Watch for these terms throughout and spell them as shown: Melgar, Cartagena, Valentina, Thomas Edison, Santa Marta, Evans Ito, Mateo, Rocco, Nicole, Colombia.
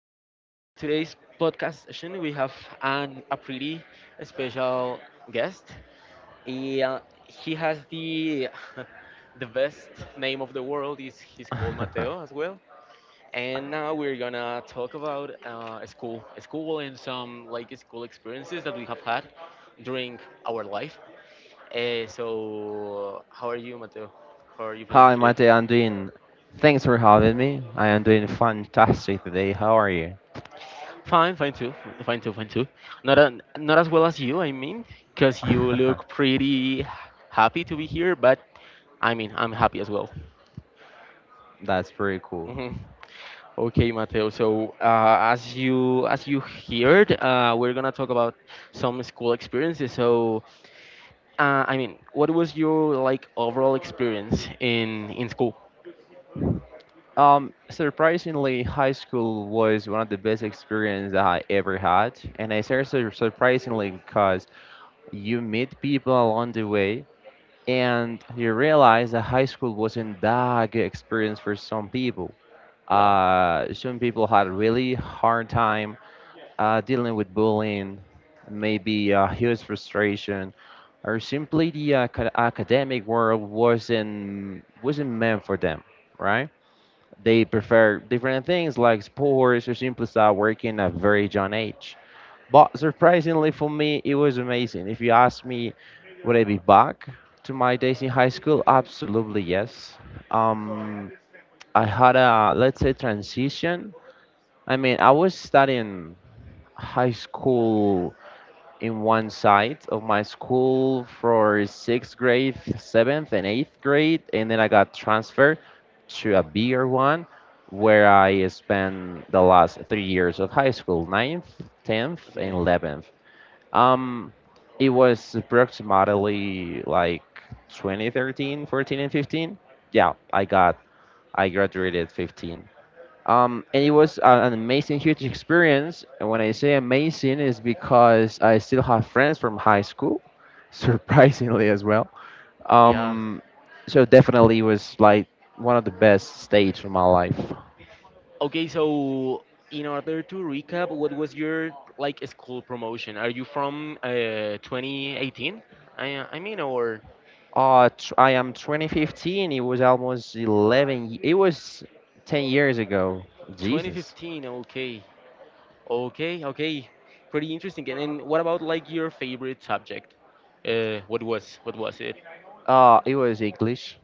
today? In today's podcast session, we have a pretty special guest. He has the the best name of the world. Is he's called Mateo as well. And now we're gonna talk about school and some like school experiences that we have had during our life. So, how are you, Mateo? How are you feeling Hi, today? Mate. I'm doing. Thanks for having me. I am doing fantastic today. How are you? Fine, fine too. Not as well as you, I mean, because you look pretty happy to be here, but I mean, I'm happy as well. That's pretty cool. Hmm. Okay, Mateo. So as you heard, we're gonna talk about some school experiences. So I mean, what was your like overall experience in school? Surprisingly, high school was one of the best experiences that I ever had, and I say surprisingly because you meet people along the way, and you realize that high school wasn't that good experience for some people. Yeah. Some people had a really hard time dealing with bullying, maybe huge frustration, or simply the academic world wasn't meant for them, right? They prefer different things like sports or simply start working at very young age. But surprisingly for me, it was amazing. If you ask me, would I be back to my days in high school? Absolutely yes. Um, I had a, let's say, transition. I mean, I was studying high school in one side of my school for sixth grade, seventh, and eighth grade, and then I got transferred to a bigger one where I spent the last 3 years of high school: ninth, 10th, and Okay. 11th. Um, it was approximately like 2013, 14, and 15. Yeah, I graduated 15. And it was an amazing, huge experience. And when I say amazing, is because I still have friends from high school, surprisingly as well. Yeah. Um, so definitely it was like one of the best stage of my life. Okay, so in order to recap, what was your like school promotion? Are you from 2018? I mean, or I am 2015. It was almost 11. It was 10 years ago. Jesus. 2015? Okay, okay, okay. Pretty interesting. And then what about like your favorite subject? What was it? It was English.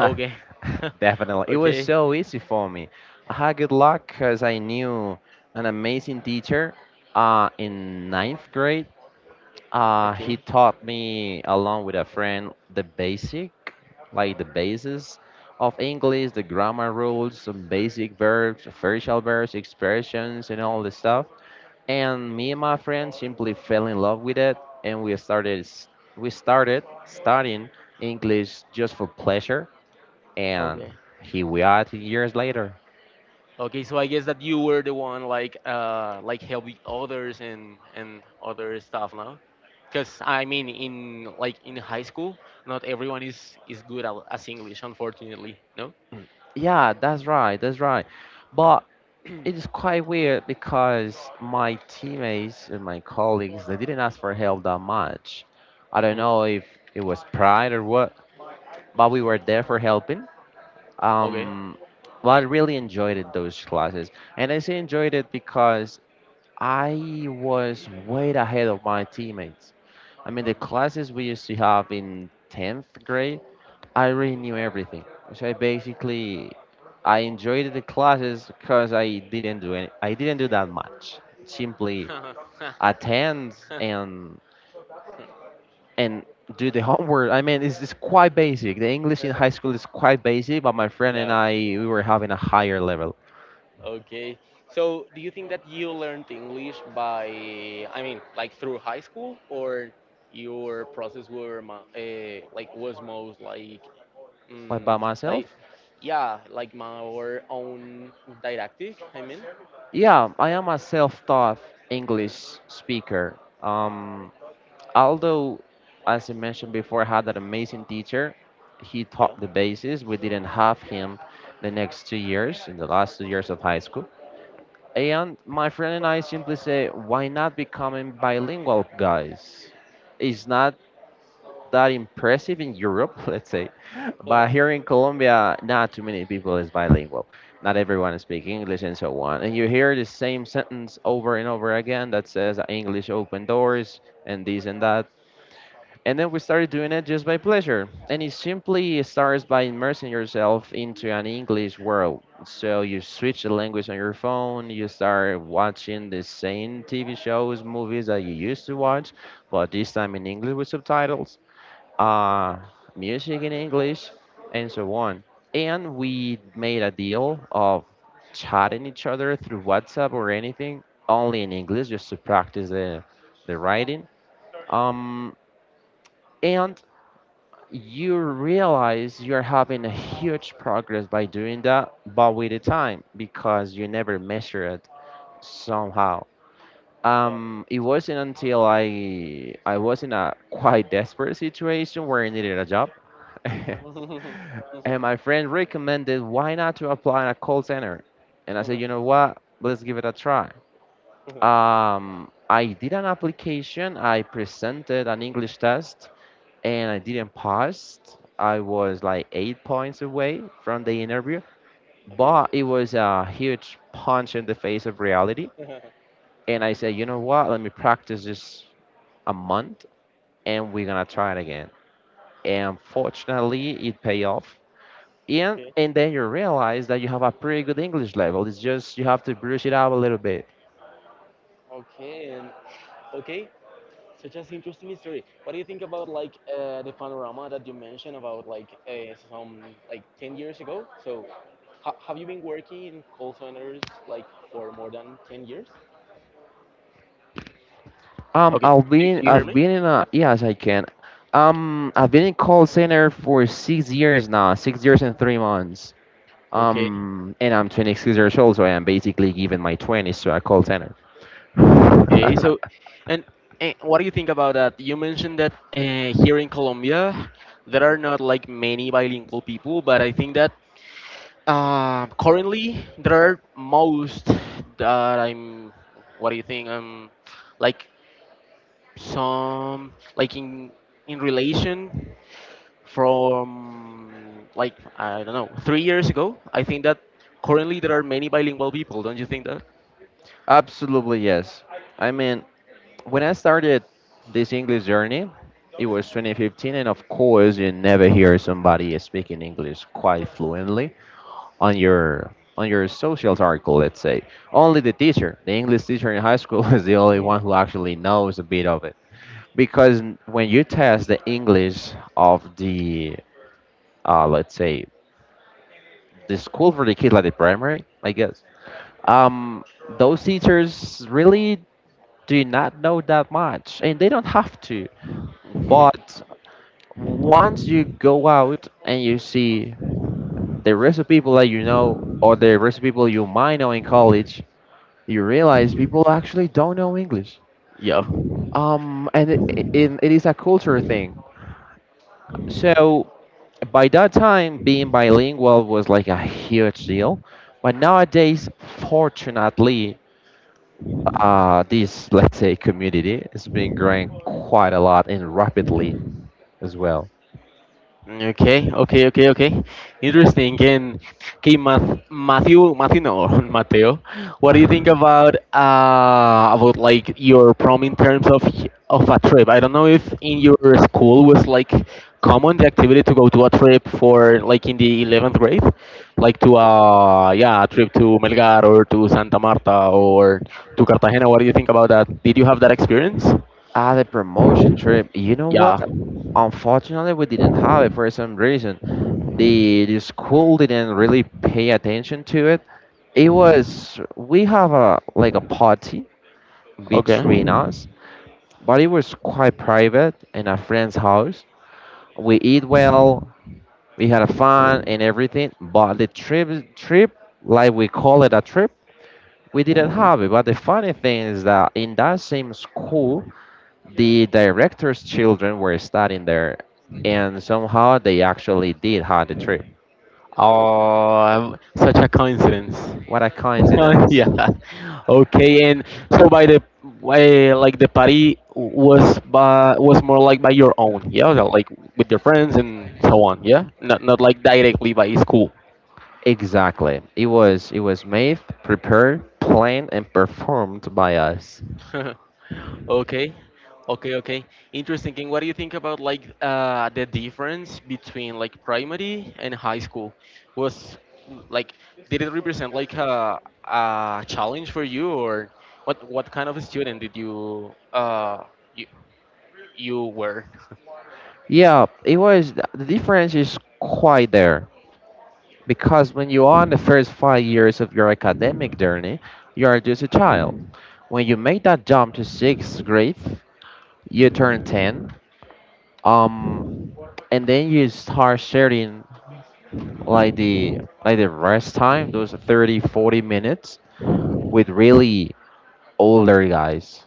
Okay, Definitely. It was okay, so easy for me. I had good luck because I knew an amazing teacher in ninth grade. He okay, taught me, along with a friend, the basic, like the basis of English, the grammar rules, some basic verbs, facial verbs, expressions, and all this stuff. And me and my friend simply fell in love with it, and we started studying English just for pleasure. And okay. here we are 10 years later. Okay, so I guess that you were the one like helping others and other stuff, no? Because I mean, in high school, not everyone is good as English, unfortunately. No. Yeah, that's right, but it is quite weird because my teammates and my colleagues, they didn't ask for help that much. I don't know Mm, if it was pride or what, but we were there for helping. okay. um well, I really enjoyed it, those classes, and I say enjoyed it because I was way ahead of my teammates. I mean, the classes we used to have in 10th grade, I really knew everything. So I basically, I enjoyed the classes because I didn't do that much. Simply Mm. attend and and do the homework. I mean, it's quite basic. The English in high school is quite basic, but my friend and Yeah. I, we were having a higher level. Okay. So, do you think that you learned English by, I mean, like through high school, or your process were like was most like, But by mm, like, myself. yeah, like my own didactic. I mean. Yeah, I am a self-taught Mhm. English speaker. Although, as I mentioned before, I had an amazing teacher. He Yeah. taught the basis. We didn't have him the next 2 years, in the last 2 years of high school. And my friend and I simply say, why not becoming bilingual, guys? It's not that impressive in Europe, let's say. But here in Colombia, not too many people is bilingual. Not everyone speaks English and so on. And you hear the same sentence over and over again that says English open doors and this and that. And then we started doing it just by pleasure. And it simply starts by immersing yourself into an English world. So you switch the language on your phone, you start watching the same TV shows, movies that you used to watch, but this time in English with subtitles, uh, music in English, and so on. And we made a deal of chatting each other through WhatsApp or anything, only in English, just to practice the writing. Um, and you realize you're having a huge progress by doing that, but with the time, because you never measure it somehow. Yeah. It wasn't until I was in a quite desperate situation where I needed a job, and Okay. my friend recommended why not to apply in a call center, and I said, you know what, let's give it a try. I did an application. I presented an English test, and I didn't pass. I was like 8 points away from the interview, Okay. but it was a huge punch in the face of reality. And I said, you know what? Let me practice this a month and we're gonna try it again. And fortunately, it paid off. And then you realize that you have a pretty good English level. It's just you have to brush it up a little bit. Okay. And okay. Such as interesting history. What do you think about like the panorama that you mentioned about like some like 10 years ago? So, have you been working in call centers like for more than 10 years? Okay. Do, do you hear I've me? been in a, yes, I can. I've been in call center for 6 years now, 6 years and 3 months. Okay. And I'm 26 years old, so I am basically giving my 20s to a call center. Okay. So, and, and what do you think about that? You mentioned that here in Colombia, there are not like many bilingual people, but I think that currently, there are most that I'm. What do you think? Like some like in relation from like I don't know 3 years ago. I think that currently there are many bilingual people. Don't you think that? Absolutely yes. I mean, when I started this English journey, it was 2015, and of course, you never hear somebody speaking English quite fluently on your on your social circle. Let's say only the teacher, the English teacher in high school, is the only Mm. one who actually knows a bit of it. Because when you test the English of the let's say the school for the kids, like the primary, I guess, um, those teachers really do not know that much, and they don't have to. Mhm. But once you go out and you see the rest of people that you know or the rest of people you might know in college, you realize people actually don't know English. Yeah. And it is a culture thing. So by that time, being bilingual was like a huge deal. But nowadays, fortunately, this, let's say, community has been growing quite a lot and rapidly as well. Okay, okay, okay, okay. Interesting. And okay, Matthew, no, Mateo. What do you think about like your prom in terms of a trip? I don't know if in your school was like common the activity to go to a trip for like in the 11th grade, like to yeah a trip to Melgar or to Santa Marta or to Cartagena. What do you think about that? Did you have that experience? Ah, the promotion trip. You know Yeah. what? Unfortunately, we didn't have it for some reason. The school didn't really pay attention to it. It was, we have a like a party Okay. between us, but it was quite private in a friend's house. We eat well, we had a fun and everything, but the trip like we call it a trip, we didn't have it. But the funny thing is that in that same school, the director's children were studying there, and somehow they actually did have the trip. Oh, such a coincidence. What a coincidence! Yeah. Okay, and so by the way, like the party was more like by your own, yeah, like with your friends and so on, yeah. Not like directly by school. Exactly. It was, it was made, prepared, planned, and performed by us. Okay, okay, okay. Interesting. And what do you think about like the difference between like primary and high school? Was like did it represent like a challenge for you, or what kind of a student did you uh you, you were? Yeah, it was. The difference is quite there because when you are in the first 5 years of your academic journey, you are just a child. When you make that jump to sixth grade, you turn 10, um, and then you start sharing like the rest time, those 30 40 minutes with really older guys.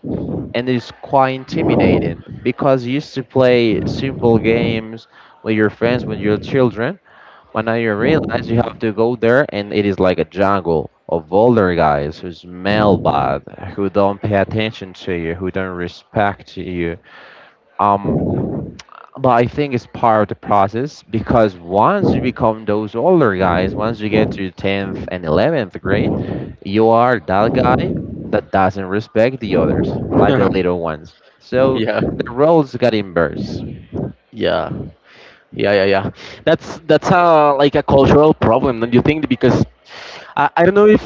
And it's quite intimidating because you used to play simple games with your friends when you're children, but now you realize you have to go there and it is like a jungle of older guys who smell bad, who don't pay attention to you, who don't respect you. um but I think it's part of the process, because once you become those older guys, once you get to 10th and 11th grade, you are that guy that doesn't respect the others, like the little ones. So Yeah, the roles got inverse. yeah. Yeah, yeah, yeah. That's a like a cultural problem, don't you think? Because I don't know if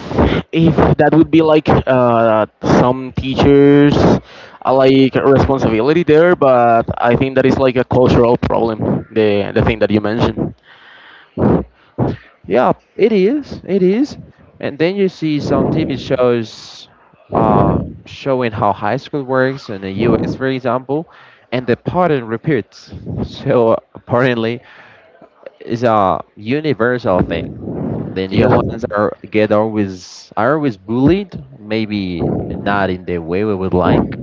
if that would be like some teachers like responsibility there, but I think that is like a cultural problem. The thing that you mentioned. Yeah, it is. It is. And then you see some TV shows uh, showing how high school works in the US, for example, and the pattern repeats. So apparently, it's a universal thing. The new Yeah. ones are get always are always bullied, maybe not in the way we would like.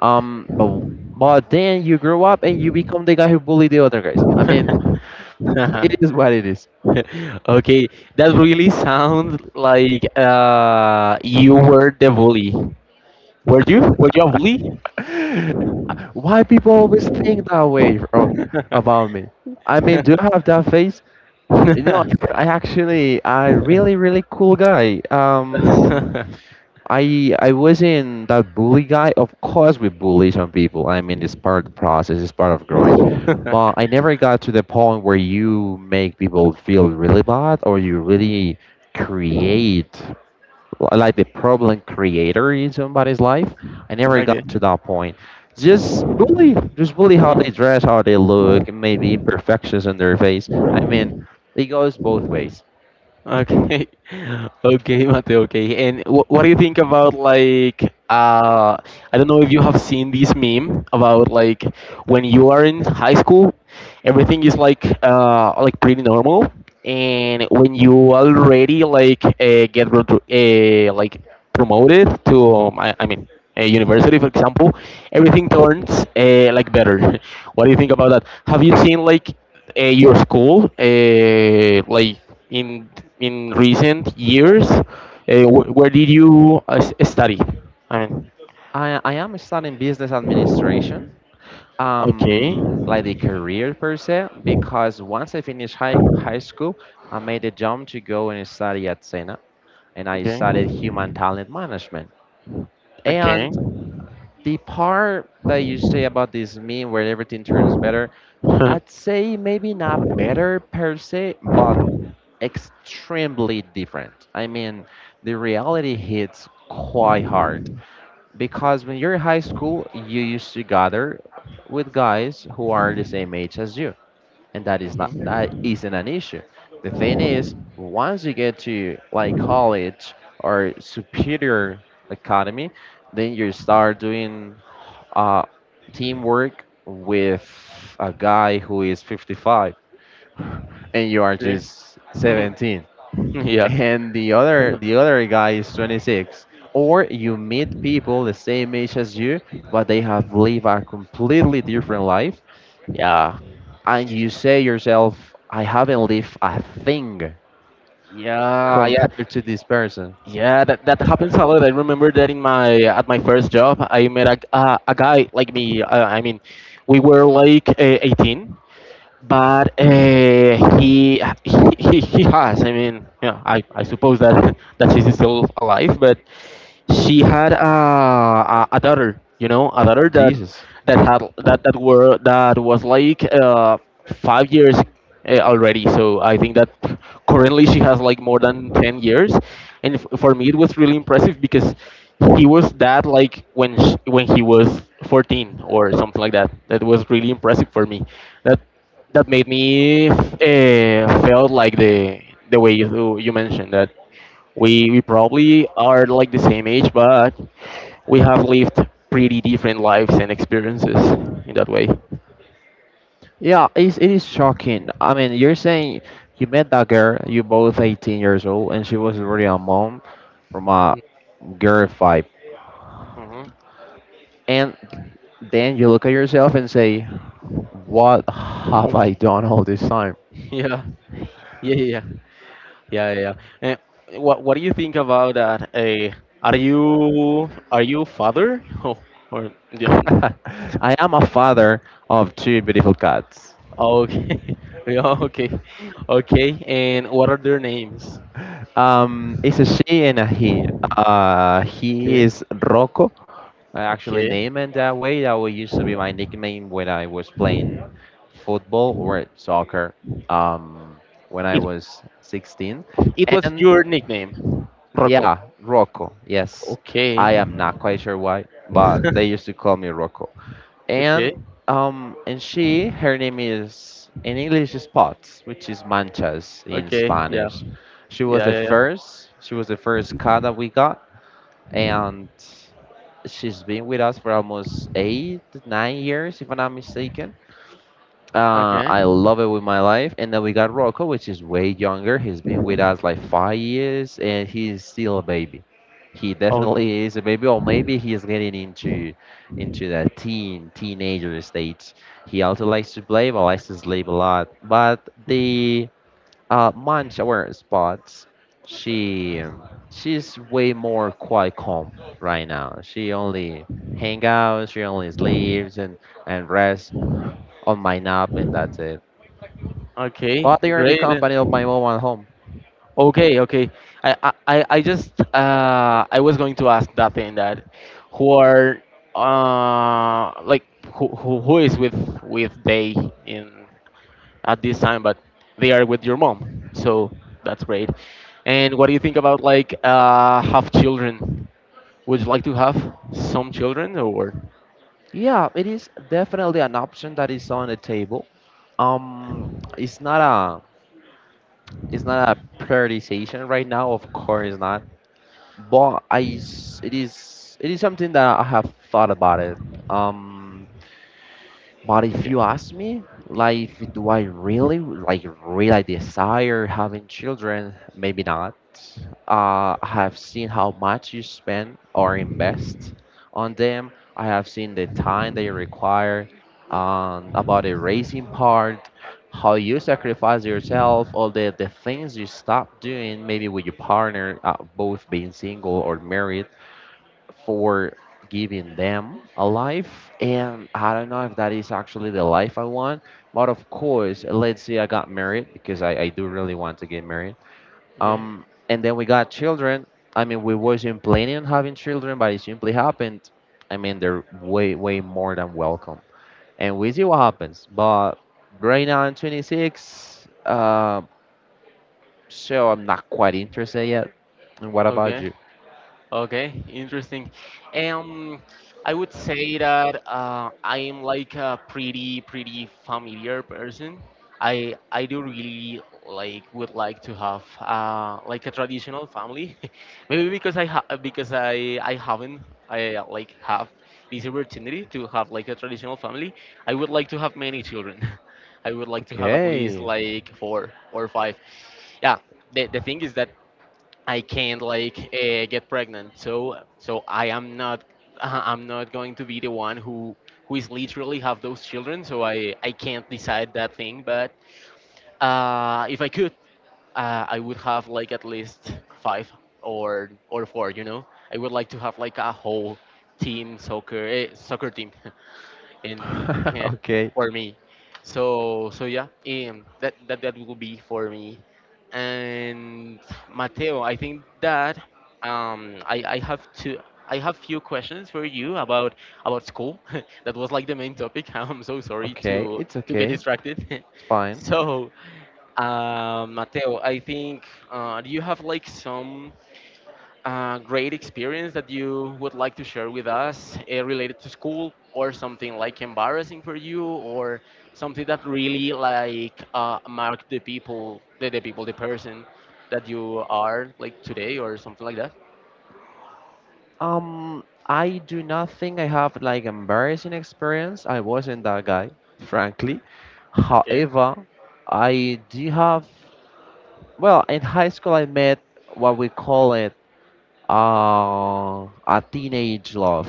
But then you grow up and you become the guy who bullied the other guys. I mean, it is what it is. Okay, that really sounds like you were the bully. Were you? Were you a bully? Why people always think that way, bro, about me? I mean, do I have that face? You know, I actually, I really, really cool guy. Um, I I wasn't that bully guy. Of course, we bully some people. I mean, it's part of the process. It's part of growing. But I never got to the point where you make people feel really bad, or you really create like the problem creator in somebody's life. I never Okay. got to that point. Just bully how they dress, how they look, and maybe imperfections on their face. I mean, it goes both ways. Okay, okay, Mateo. Okay, and what do you think about like I don't know if you have seen this meme about like when you are in high school, everything is like pretty normal, and when you already like get like promoted to I mean a university for example, everything turns like better. What do you think about that? Have you seen like? Your school like in in recent years where did you study I mean. I am studying business administration, Okay, like the career per se, because once I finished high school, I made a jump to go and study at Sena and I okay, studied human talent management. okay. And the part that you say about this meme where everything turns better, I'd say maybe not better per se, but extremely different. I mean, the reality hits quite hard because when you're in high school, you used to gather with guys who are the same age as you, and that is not that Mhm. isn't an issue. The thing is, once you get to like college or superior academy, then you start doing uh, teamwork with a guy who is 55 and you are Okay. just 17 Yeah, and the other guy is 26. Or you meet people the same age as you, but they have lived a completely different life, yeah, and you say yourself, I haven't lived a thing yeah, yeah, compared to this person. yeah. That happens a lot. I remember that in my at my first job, I met a guy like me, I mean, we were like 18, but he, he has. I mean, yeah, I suppose that that she's still alive, but she had a daughter that Jesus. that had that that were that was like 5 years already. So I think that currently she has like more than 10 years, and for me it was really impressive because he was that like when he was 14 or something like that. That was really impressive for me. That that made me felt like the way you mentioned that we probably are like the same age, but we have lived pretty different lives and experiences in that way. Yeah, it is shocking. I mean, you're saying you met that girl, you both 18 years old, and she was already a mom from a girl fight. Hmm. And then you look at yourself and say, what have I done all this time? Yeah, yeah, yeah, yeah, yeah. Yeah. And what do you think about that? Are you father or you I am a father of two beautiful cats. okay? Yeah, okay, okay. And what are their names? It's a she and a he. He Okay, is Rocco. I actually okay. named it that way. That would used to be my nickname when I was playing football or soccer. Um, when I It was 16, it was and your nickname, Rocco. yeah, Rocco. Yes, Okay. I am not quite sure why, but they used to call me Rocco. Okay. And and she, her name is in English spots, which is manchas in Okay. Yeah. Spanish. she was Yeah. the Yeah. Yeah. first she was the first cat that we got, and she's been with us for almost 8 9 years if I'm not mistaken. Okay. I love it with my life. And then we got Rocco, which is way younger. He's been with us like 5 years, and he's still a baby. He Oh. definitely is a baby, or maybe he is getting into that teenager stage. He also likes to play, but likes to sleep a lot. But the munch our spots, she she's way more quite calm right now. She only she only sleeps and rests on my nap, and that's it. Okay. But they are the Great. company of my And- mom at home. Okay. Okay. I just. I was going to ask that thing that, who are. Like who is with they in at this time? But they are with your mom. So that's great. And what do you think about like have children? Would you like to have some children or? Yeah, it is definitely an option that is on the table. Um, it's not a it's not a prioritization right now. Of course not, but it is something that I have thought about it. Um, But if Okay. you ask me, like, do I really, like, really desire having children? Maybe not. I have seen how much you spend or invest on them. I have seen the time they require, about the raising part, how you sacrifice yourself, all the things you stop doing, maybe with your partner, both being single or married, for giving them a life. And I don't know if that is actually the life I want. But of course, let's say I got married because I do really want to get married. Okay. Um, and then we got children. I mean, we wasn't planning on having children, but it simply happened. I mean, they're way, way more than welcome. And we see what happens. But right now I'm 26, so I'm not quite interested yet. And what about Okay. you? Okay, interesting. Um, I would say that I am like a pretty pretty familiar person. I do really like would like to have like a traditional family, maybe because I haven't I like have this opportunity to have like a traditional family. I would like to have many children. I would like to have at least Okay, like four or five. Yeah, the thing is that I can't like get pregnant. So I'm not going to be the one who is literally have those children. So I can't decide that thing. But if I could, I would have like at least five or four. You know, I would like to have like a whole team soccer team in okay. for me. So yeah, that will be for me. And Mateo, I think that I have to. I have few questions for you about school. That was like the main topic. I'm so sorry to get Okay. distracted. It's fine. So, Mateo, I think do you have like some great experience that you would like to share with us related to school or something like embarrassing for you or something that really like marked the person that you are like today or something like that. I do not think I have like embarrassing experience. I wasn't that guy, frankly. Okay. However, I do have. Well, in high school, I met what we call it a teenage love.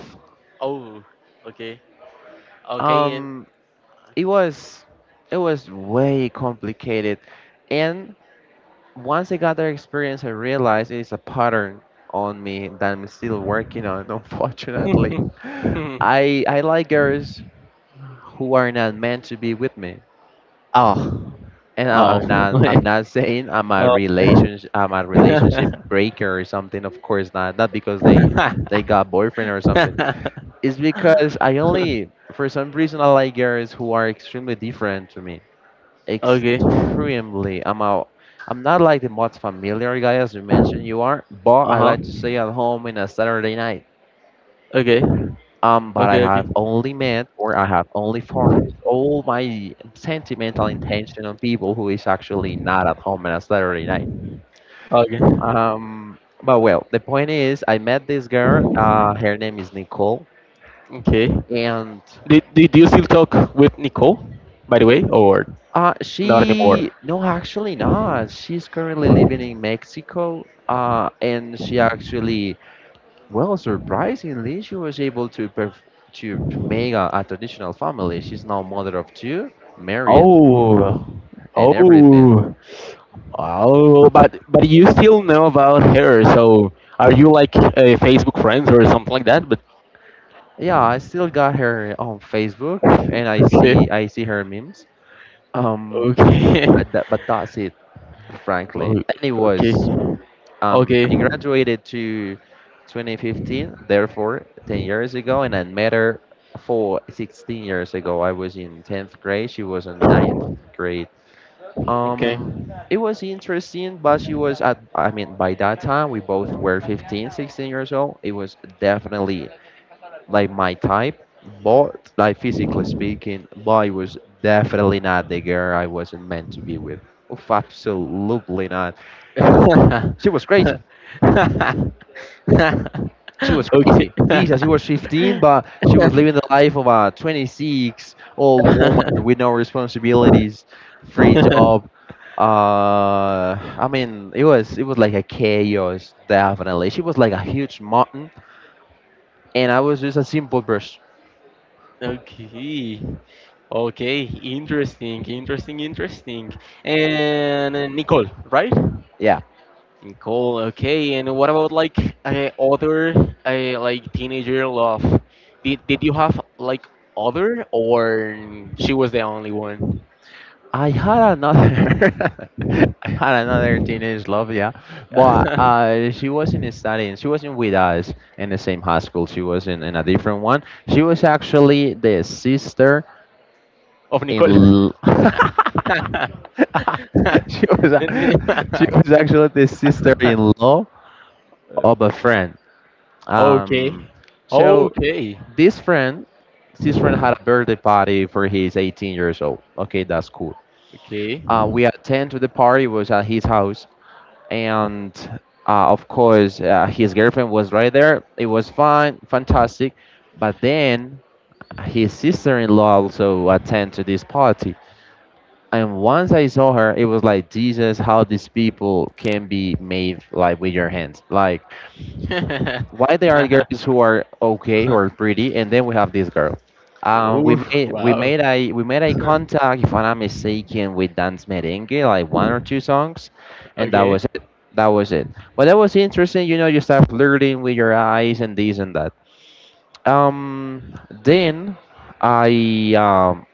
Oh, okay, okay, and Um, it was it was way complicated, and once I got that experience, I realized it's a pattern on me that I'm still working on, unfortunately. I like girls who are not meant to be with me. oh. And I'm Oh. not I'm not saying Oh. I'm a relationship breaker or something. Of course not. Not because they got boyfriend or something. It's because I only for some reason I like girls who are extremely different to me Okay. extremely. I'm out. I'm not like the most familiar guy as you mentioned you are, but Uh I huh. like to stay at home in a Saturday night. Okay. But I Okay, okay, have only met or I have only focused all my sentimental intention on people who is actually not at home on a Saturday night. okay, Um, but well, the point is, I met this girl. Her name is Nicole, okay. and Did you still talk with Nicole, by the way, or not anymore? she no, actually not. She's currently living in Mexico. And she actually, well, surprisingly, she was able to make a traditional family. She's now mother of two, married, Oh, and everything. oh, oh. But you still know about her, so are you like Facebook friends or something like that? But Yeah, I still got her on Facebook, okay, and I see her memes. Um, okay, but, but that's it, oh, frankly. okay, Anyways, okay, I graduated to 2015, therefore 10 years ago, and I met her for 16 years ago. I was in 10th grade. She was in 9th grade. okay. Um, it was interesting, but I mean, by that time, we both were 15, 16 years old. It was definitely like my type, but like physically speaking, but it was definitely not the girl I wasn't meant to be with. Oof, absolutely not. She was crazy. She was Okay. crazy. Jesus, she was 15, but she was living the life of a 26 old woman with no responsibilities, free job. I mean, it was like a chaos, definitely. She was like a huge mountain, and I was just a simple brush. Okay. Okay. Interesting. Interesting. Interesting. And Nicole, right? Yeah, Nicole. Okay. And what about like other like teenager love? Did you have like other, or she was the only one? I had another. I had another teenage love, yeah, but she wasn't studying. She wasn't with us in the same high school. She was in a different one. She was actually the sister Of in Nicole. l- she was Then we- a- she was actually the sister-in-law of a friend. okay. Um, so Okay. this friend, this friend had a birthday party for his 18 years old. Okay, that's cool. Okay. We attend to the party. It was at his house, and of course, his girlfriend was right there. It was fun, fantastic. But then his sister-in-law also attend to this party. And once I saw her, it was like Jesus, how these people can be made like with your hands. Like why there are girls who are okay, who are pretty, and then we have this girl. We Oh, made we wow. made a we made a contact, if I'm not mistaken, with Dance Merengue, like one or two songs, and that Okay. was it. That was it. But that was interesting, you know. You start flirting with your eyes and this and that. Then I um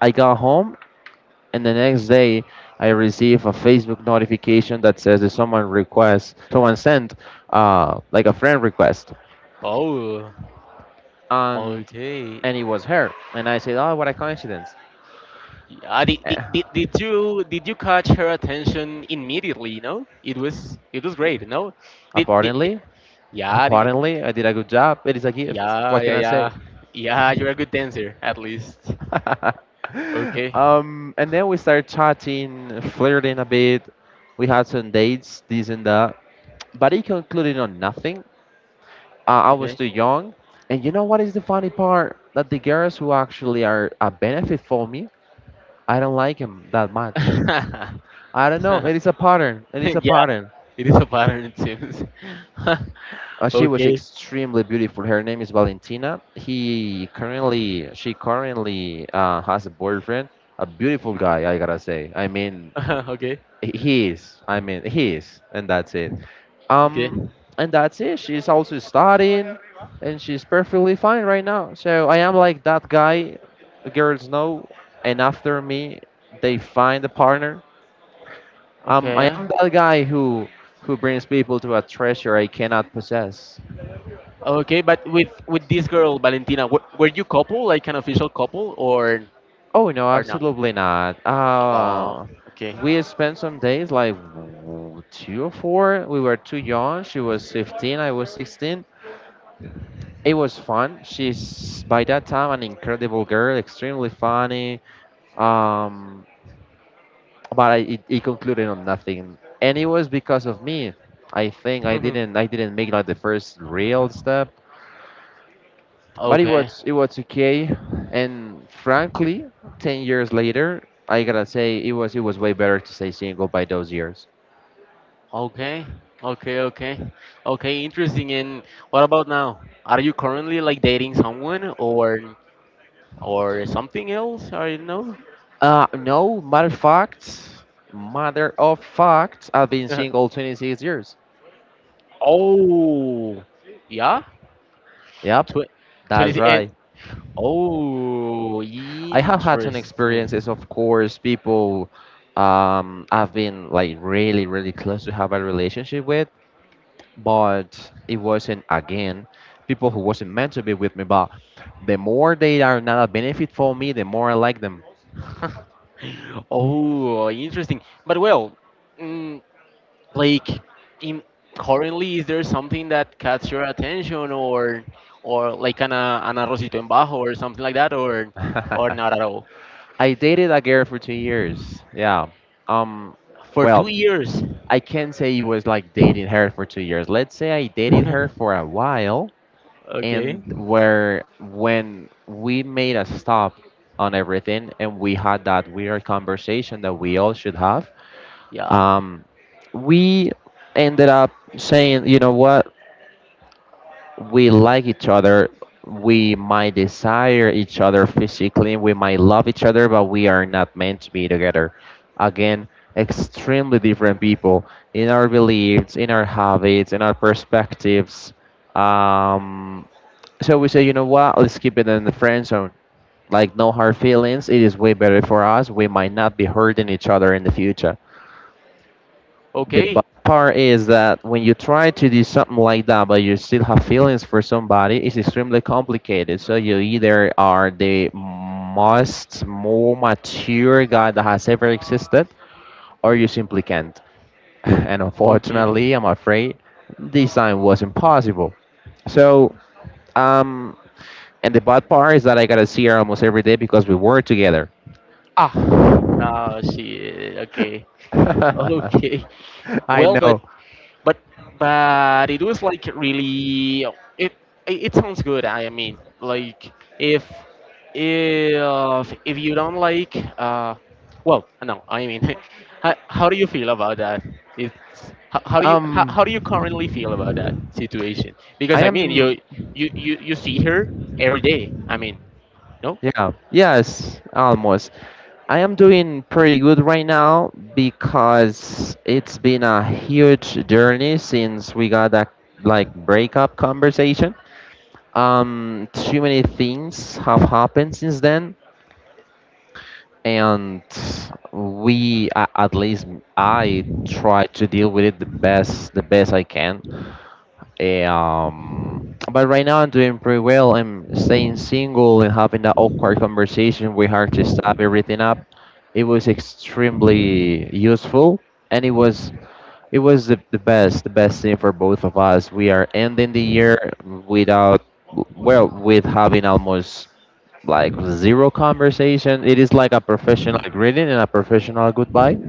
I got home. And the next day, I receive a Facebook notification that says that someone sent like a friend request, Oh, and okay. It was her. And I said, oh, what a coincidence. Did, did, Eh, did, did you did you catch her attention immediately? No, it was great. No, did, did, did- apparently, yeah, I did a good job. It is a gift. yeah, What yeah, can I say? yeah, yeah. You're a good dancer, at least. Okay. And then we started chatting, flirting a bit. We had some dates, this and that, but it concluded on nothing. I was too young. And you know what is the funny part? That the girls who actually are a benefit for me, I don't like them that much. I don't know. It is a pattern. It Yeah, is a pattern. it is a pattern, it seems. She was Okay, extremely beautiful. Her name is Valentina. She currently has a boyfriend, a beautiful guy. I gotta say. I mean, okay, he is. I mean, he is, and that's it. okay, Um, and that's it. She's also studying, and she's perfectly fine right now. So I am like that guy. The girls know, and after me, they find a partner. I okay, am that guy who brings people to a treasure I cannot possess. okay. But with this girl, Valentina, were you couple, like an official couple, or Oh no, or not? absolutely not. Oh, okay, We spent some days two or four. We were too young. She was 15, I was 16. It was fun. She's by that time an incredible girl, extremely funny. Um, but it concluded on nothing, and it was because of me. I think I didn't make like the first real step, but okay, it was okay. And frankly, 10 years later, I gotta say it was way better to stay single by those years. okay, okay, okay, okay. Interesting. And what about now? Are you currently like dating someone or something else? I don't know. No, matter of fact, I've been single 26 years. Oh, yeah. Yep, Tw that's 20 and right. oh, I have had some interesting. experiences, of course, people. I've been like really, really close to have a relationship with, but it wasn't again people who wasn't meant to be with me. But the more they are not a benefit for me, the more I like them. Oh, interesting. But well, mm, like in currently, is there something that catch your attention or like an arrocito en bajo or something like that or or I not at all? dated a girl for 2 years. Yeah. Um. For two Well, years. I can't say it was like dating her for 2 years. Let's say I dated her for a while, Okay. and where when we made a stop on everything and we had that weird conversation that we all should have, Yeah. um, we ended up saying, you know what, we like each other, we might desire each other physically, we might love each other, but we are not meant to be together. Again, extremely different people in our beliefs, in our habits, in our perspectives. um, so we say, you know what? Let's keep it in the friend zone. Like no hard feelings. It is way better for us. We might not be hurting each other in the future. The bad Okay. part is that when you try to do something like that, but you still have feelings for somebody, it's extremely complicated. So you either are the most more mature guy that has ever existed, or you simply can't. And Okay. unfortunately, I'm afraid this time was impossible. So um, and the bad part is that I gotta see her almost every day because we were together. Ah. Ah, shit. Okay. I Okay. Well, know. but but it was like really it it sounds good, I mean, like if if you don't like well no I mean how do you feel about that? It's how do you Um, currently feel about that situation? Because I I mean am. you see her every day, I mean, no Yeah. Yes. Almost. I am doing pretty good right now because it's been a huge journey since we got that like breakup conversation. Too many things have happened since then, and at least try to deal with it the best I can. Eh, Um, but right now I'm doing pretty well. I'm staying single, and having that awkward conversation with her to stop everything up. It was extremely useful, and it was the best thing for both of us. We are ending the year without, well, with having almost like zero conversation. It is like a professional greeting and a professional goodbye,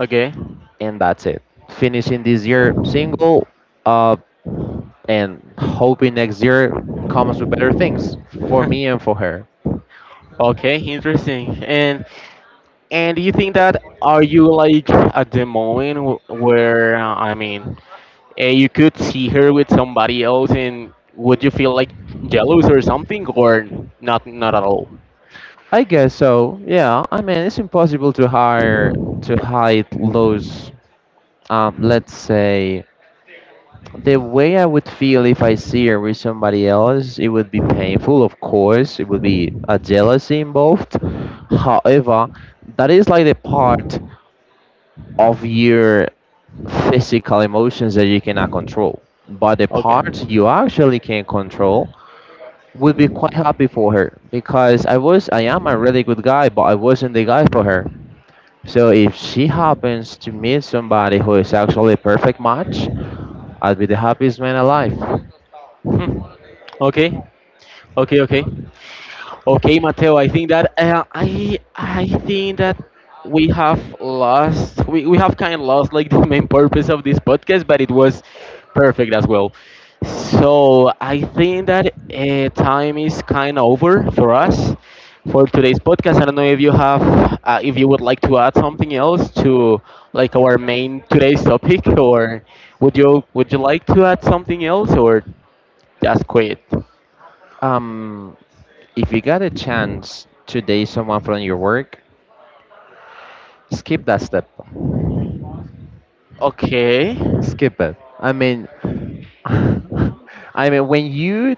okay. and that's it. Finishing this year single, uh, and hoping next year comes with better things for me and for her. Okay, interesting. And do you think that are you like at the moment where I mean, you could see her with somebody else, and would you feel like jealous or something, or not? Not at all. I guess so. Yeah, I mean it's impossible to hide those. Let's say the way I would feel if I see her with somebody else, it would be painful. Of course, it would be a jealousy involved. However, that is like the part of your physical emotions that you cannot control. But the Okay. parts you actually can control would be quite happy for her because I am a really good guy, but I wasn't the guy for her. So if she happens to meet somebody who is actually a perfect match, I'll be the happiest man alive. Hmm. Okay. Okay. Okay. Okay, Mateo, I think that I think that we have kind of lost like the main purpose of this podcast, but it was perfect as well. So I think that time is kind of over for us for today's podcast. I don't know if you have if you would like to add something else to like our main today's topic, or would you like to add something else, or just quit? Um, if you got a chance to date someone from your work, skip that step. Okay, Skip it. I mean, I mean, when you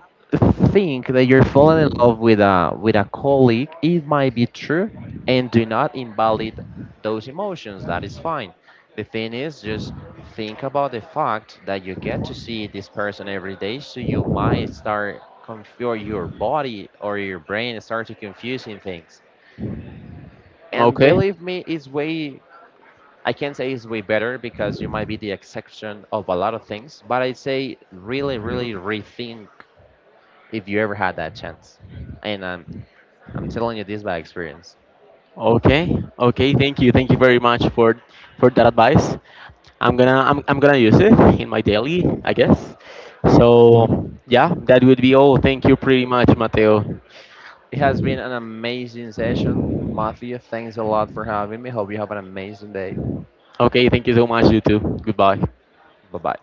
think that you're falling in love with a colleague, it might be true, and do not invalidate those emotions. That is fine. The thing is, just think about the fact that you get to see this person every day, so you might start confuse your body or your brain start to confusing things. And okay. believe me, it's way, I can't say it's way better because you might be the exception of a lot of things, but I say really, really rethink if you ever had that chance. And I'm telling you this by experience. Okay. Okay. Thank you. Thank you very much for that advice. I'm gonna use it in my daily, I guess. So yeah, that would be all. Thank you pretty much, Mateo. It has been an amazing session. Mafia, thanks a lot for having me. Hope you have an amazing day. Okay. Thank you so much. You too. Goodbye. Bye bye.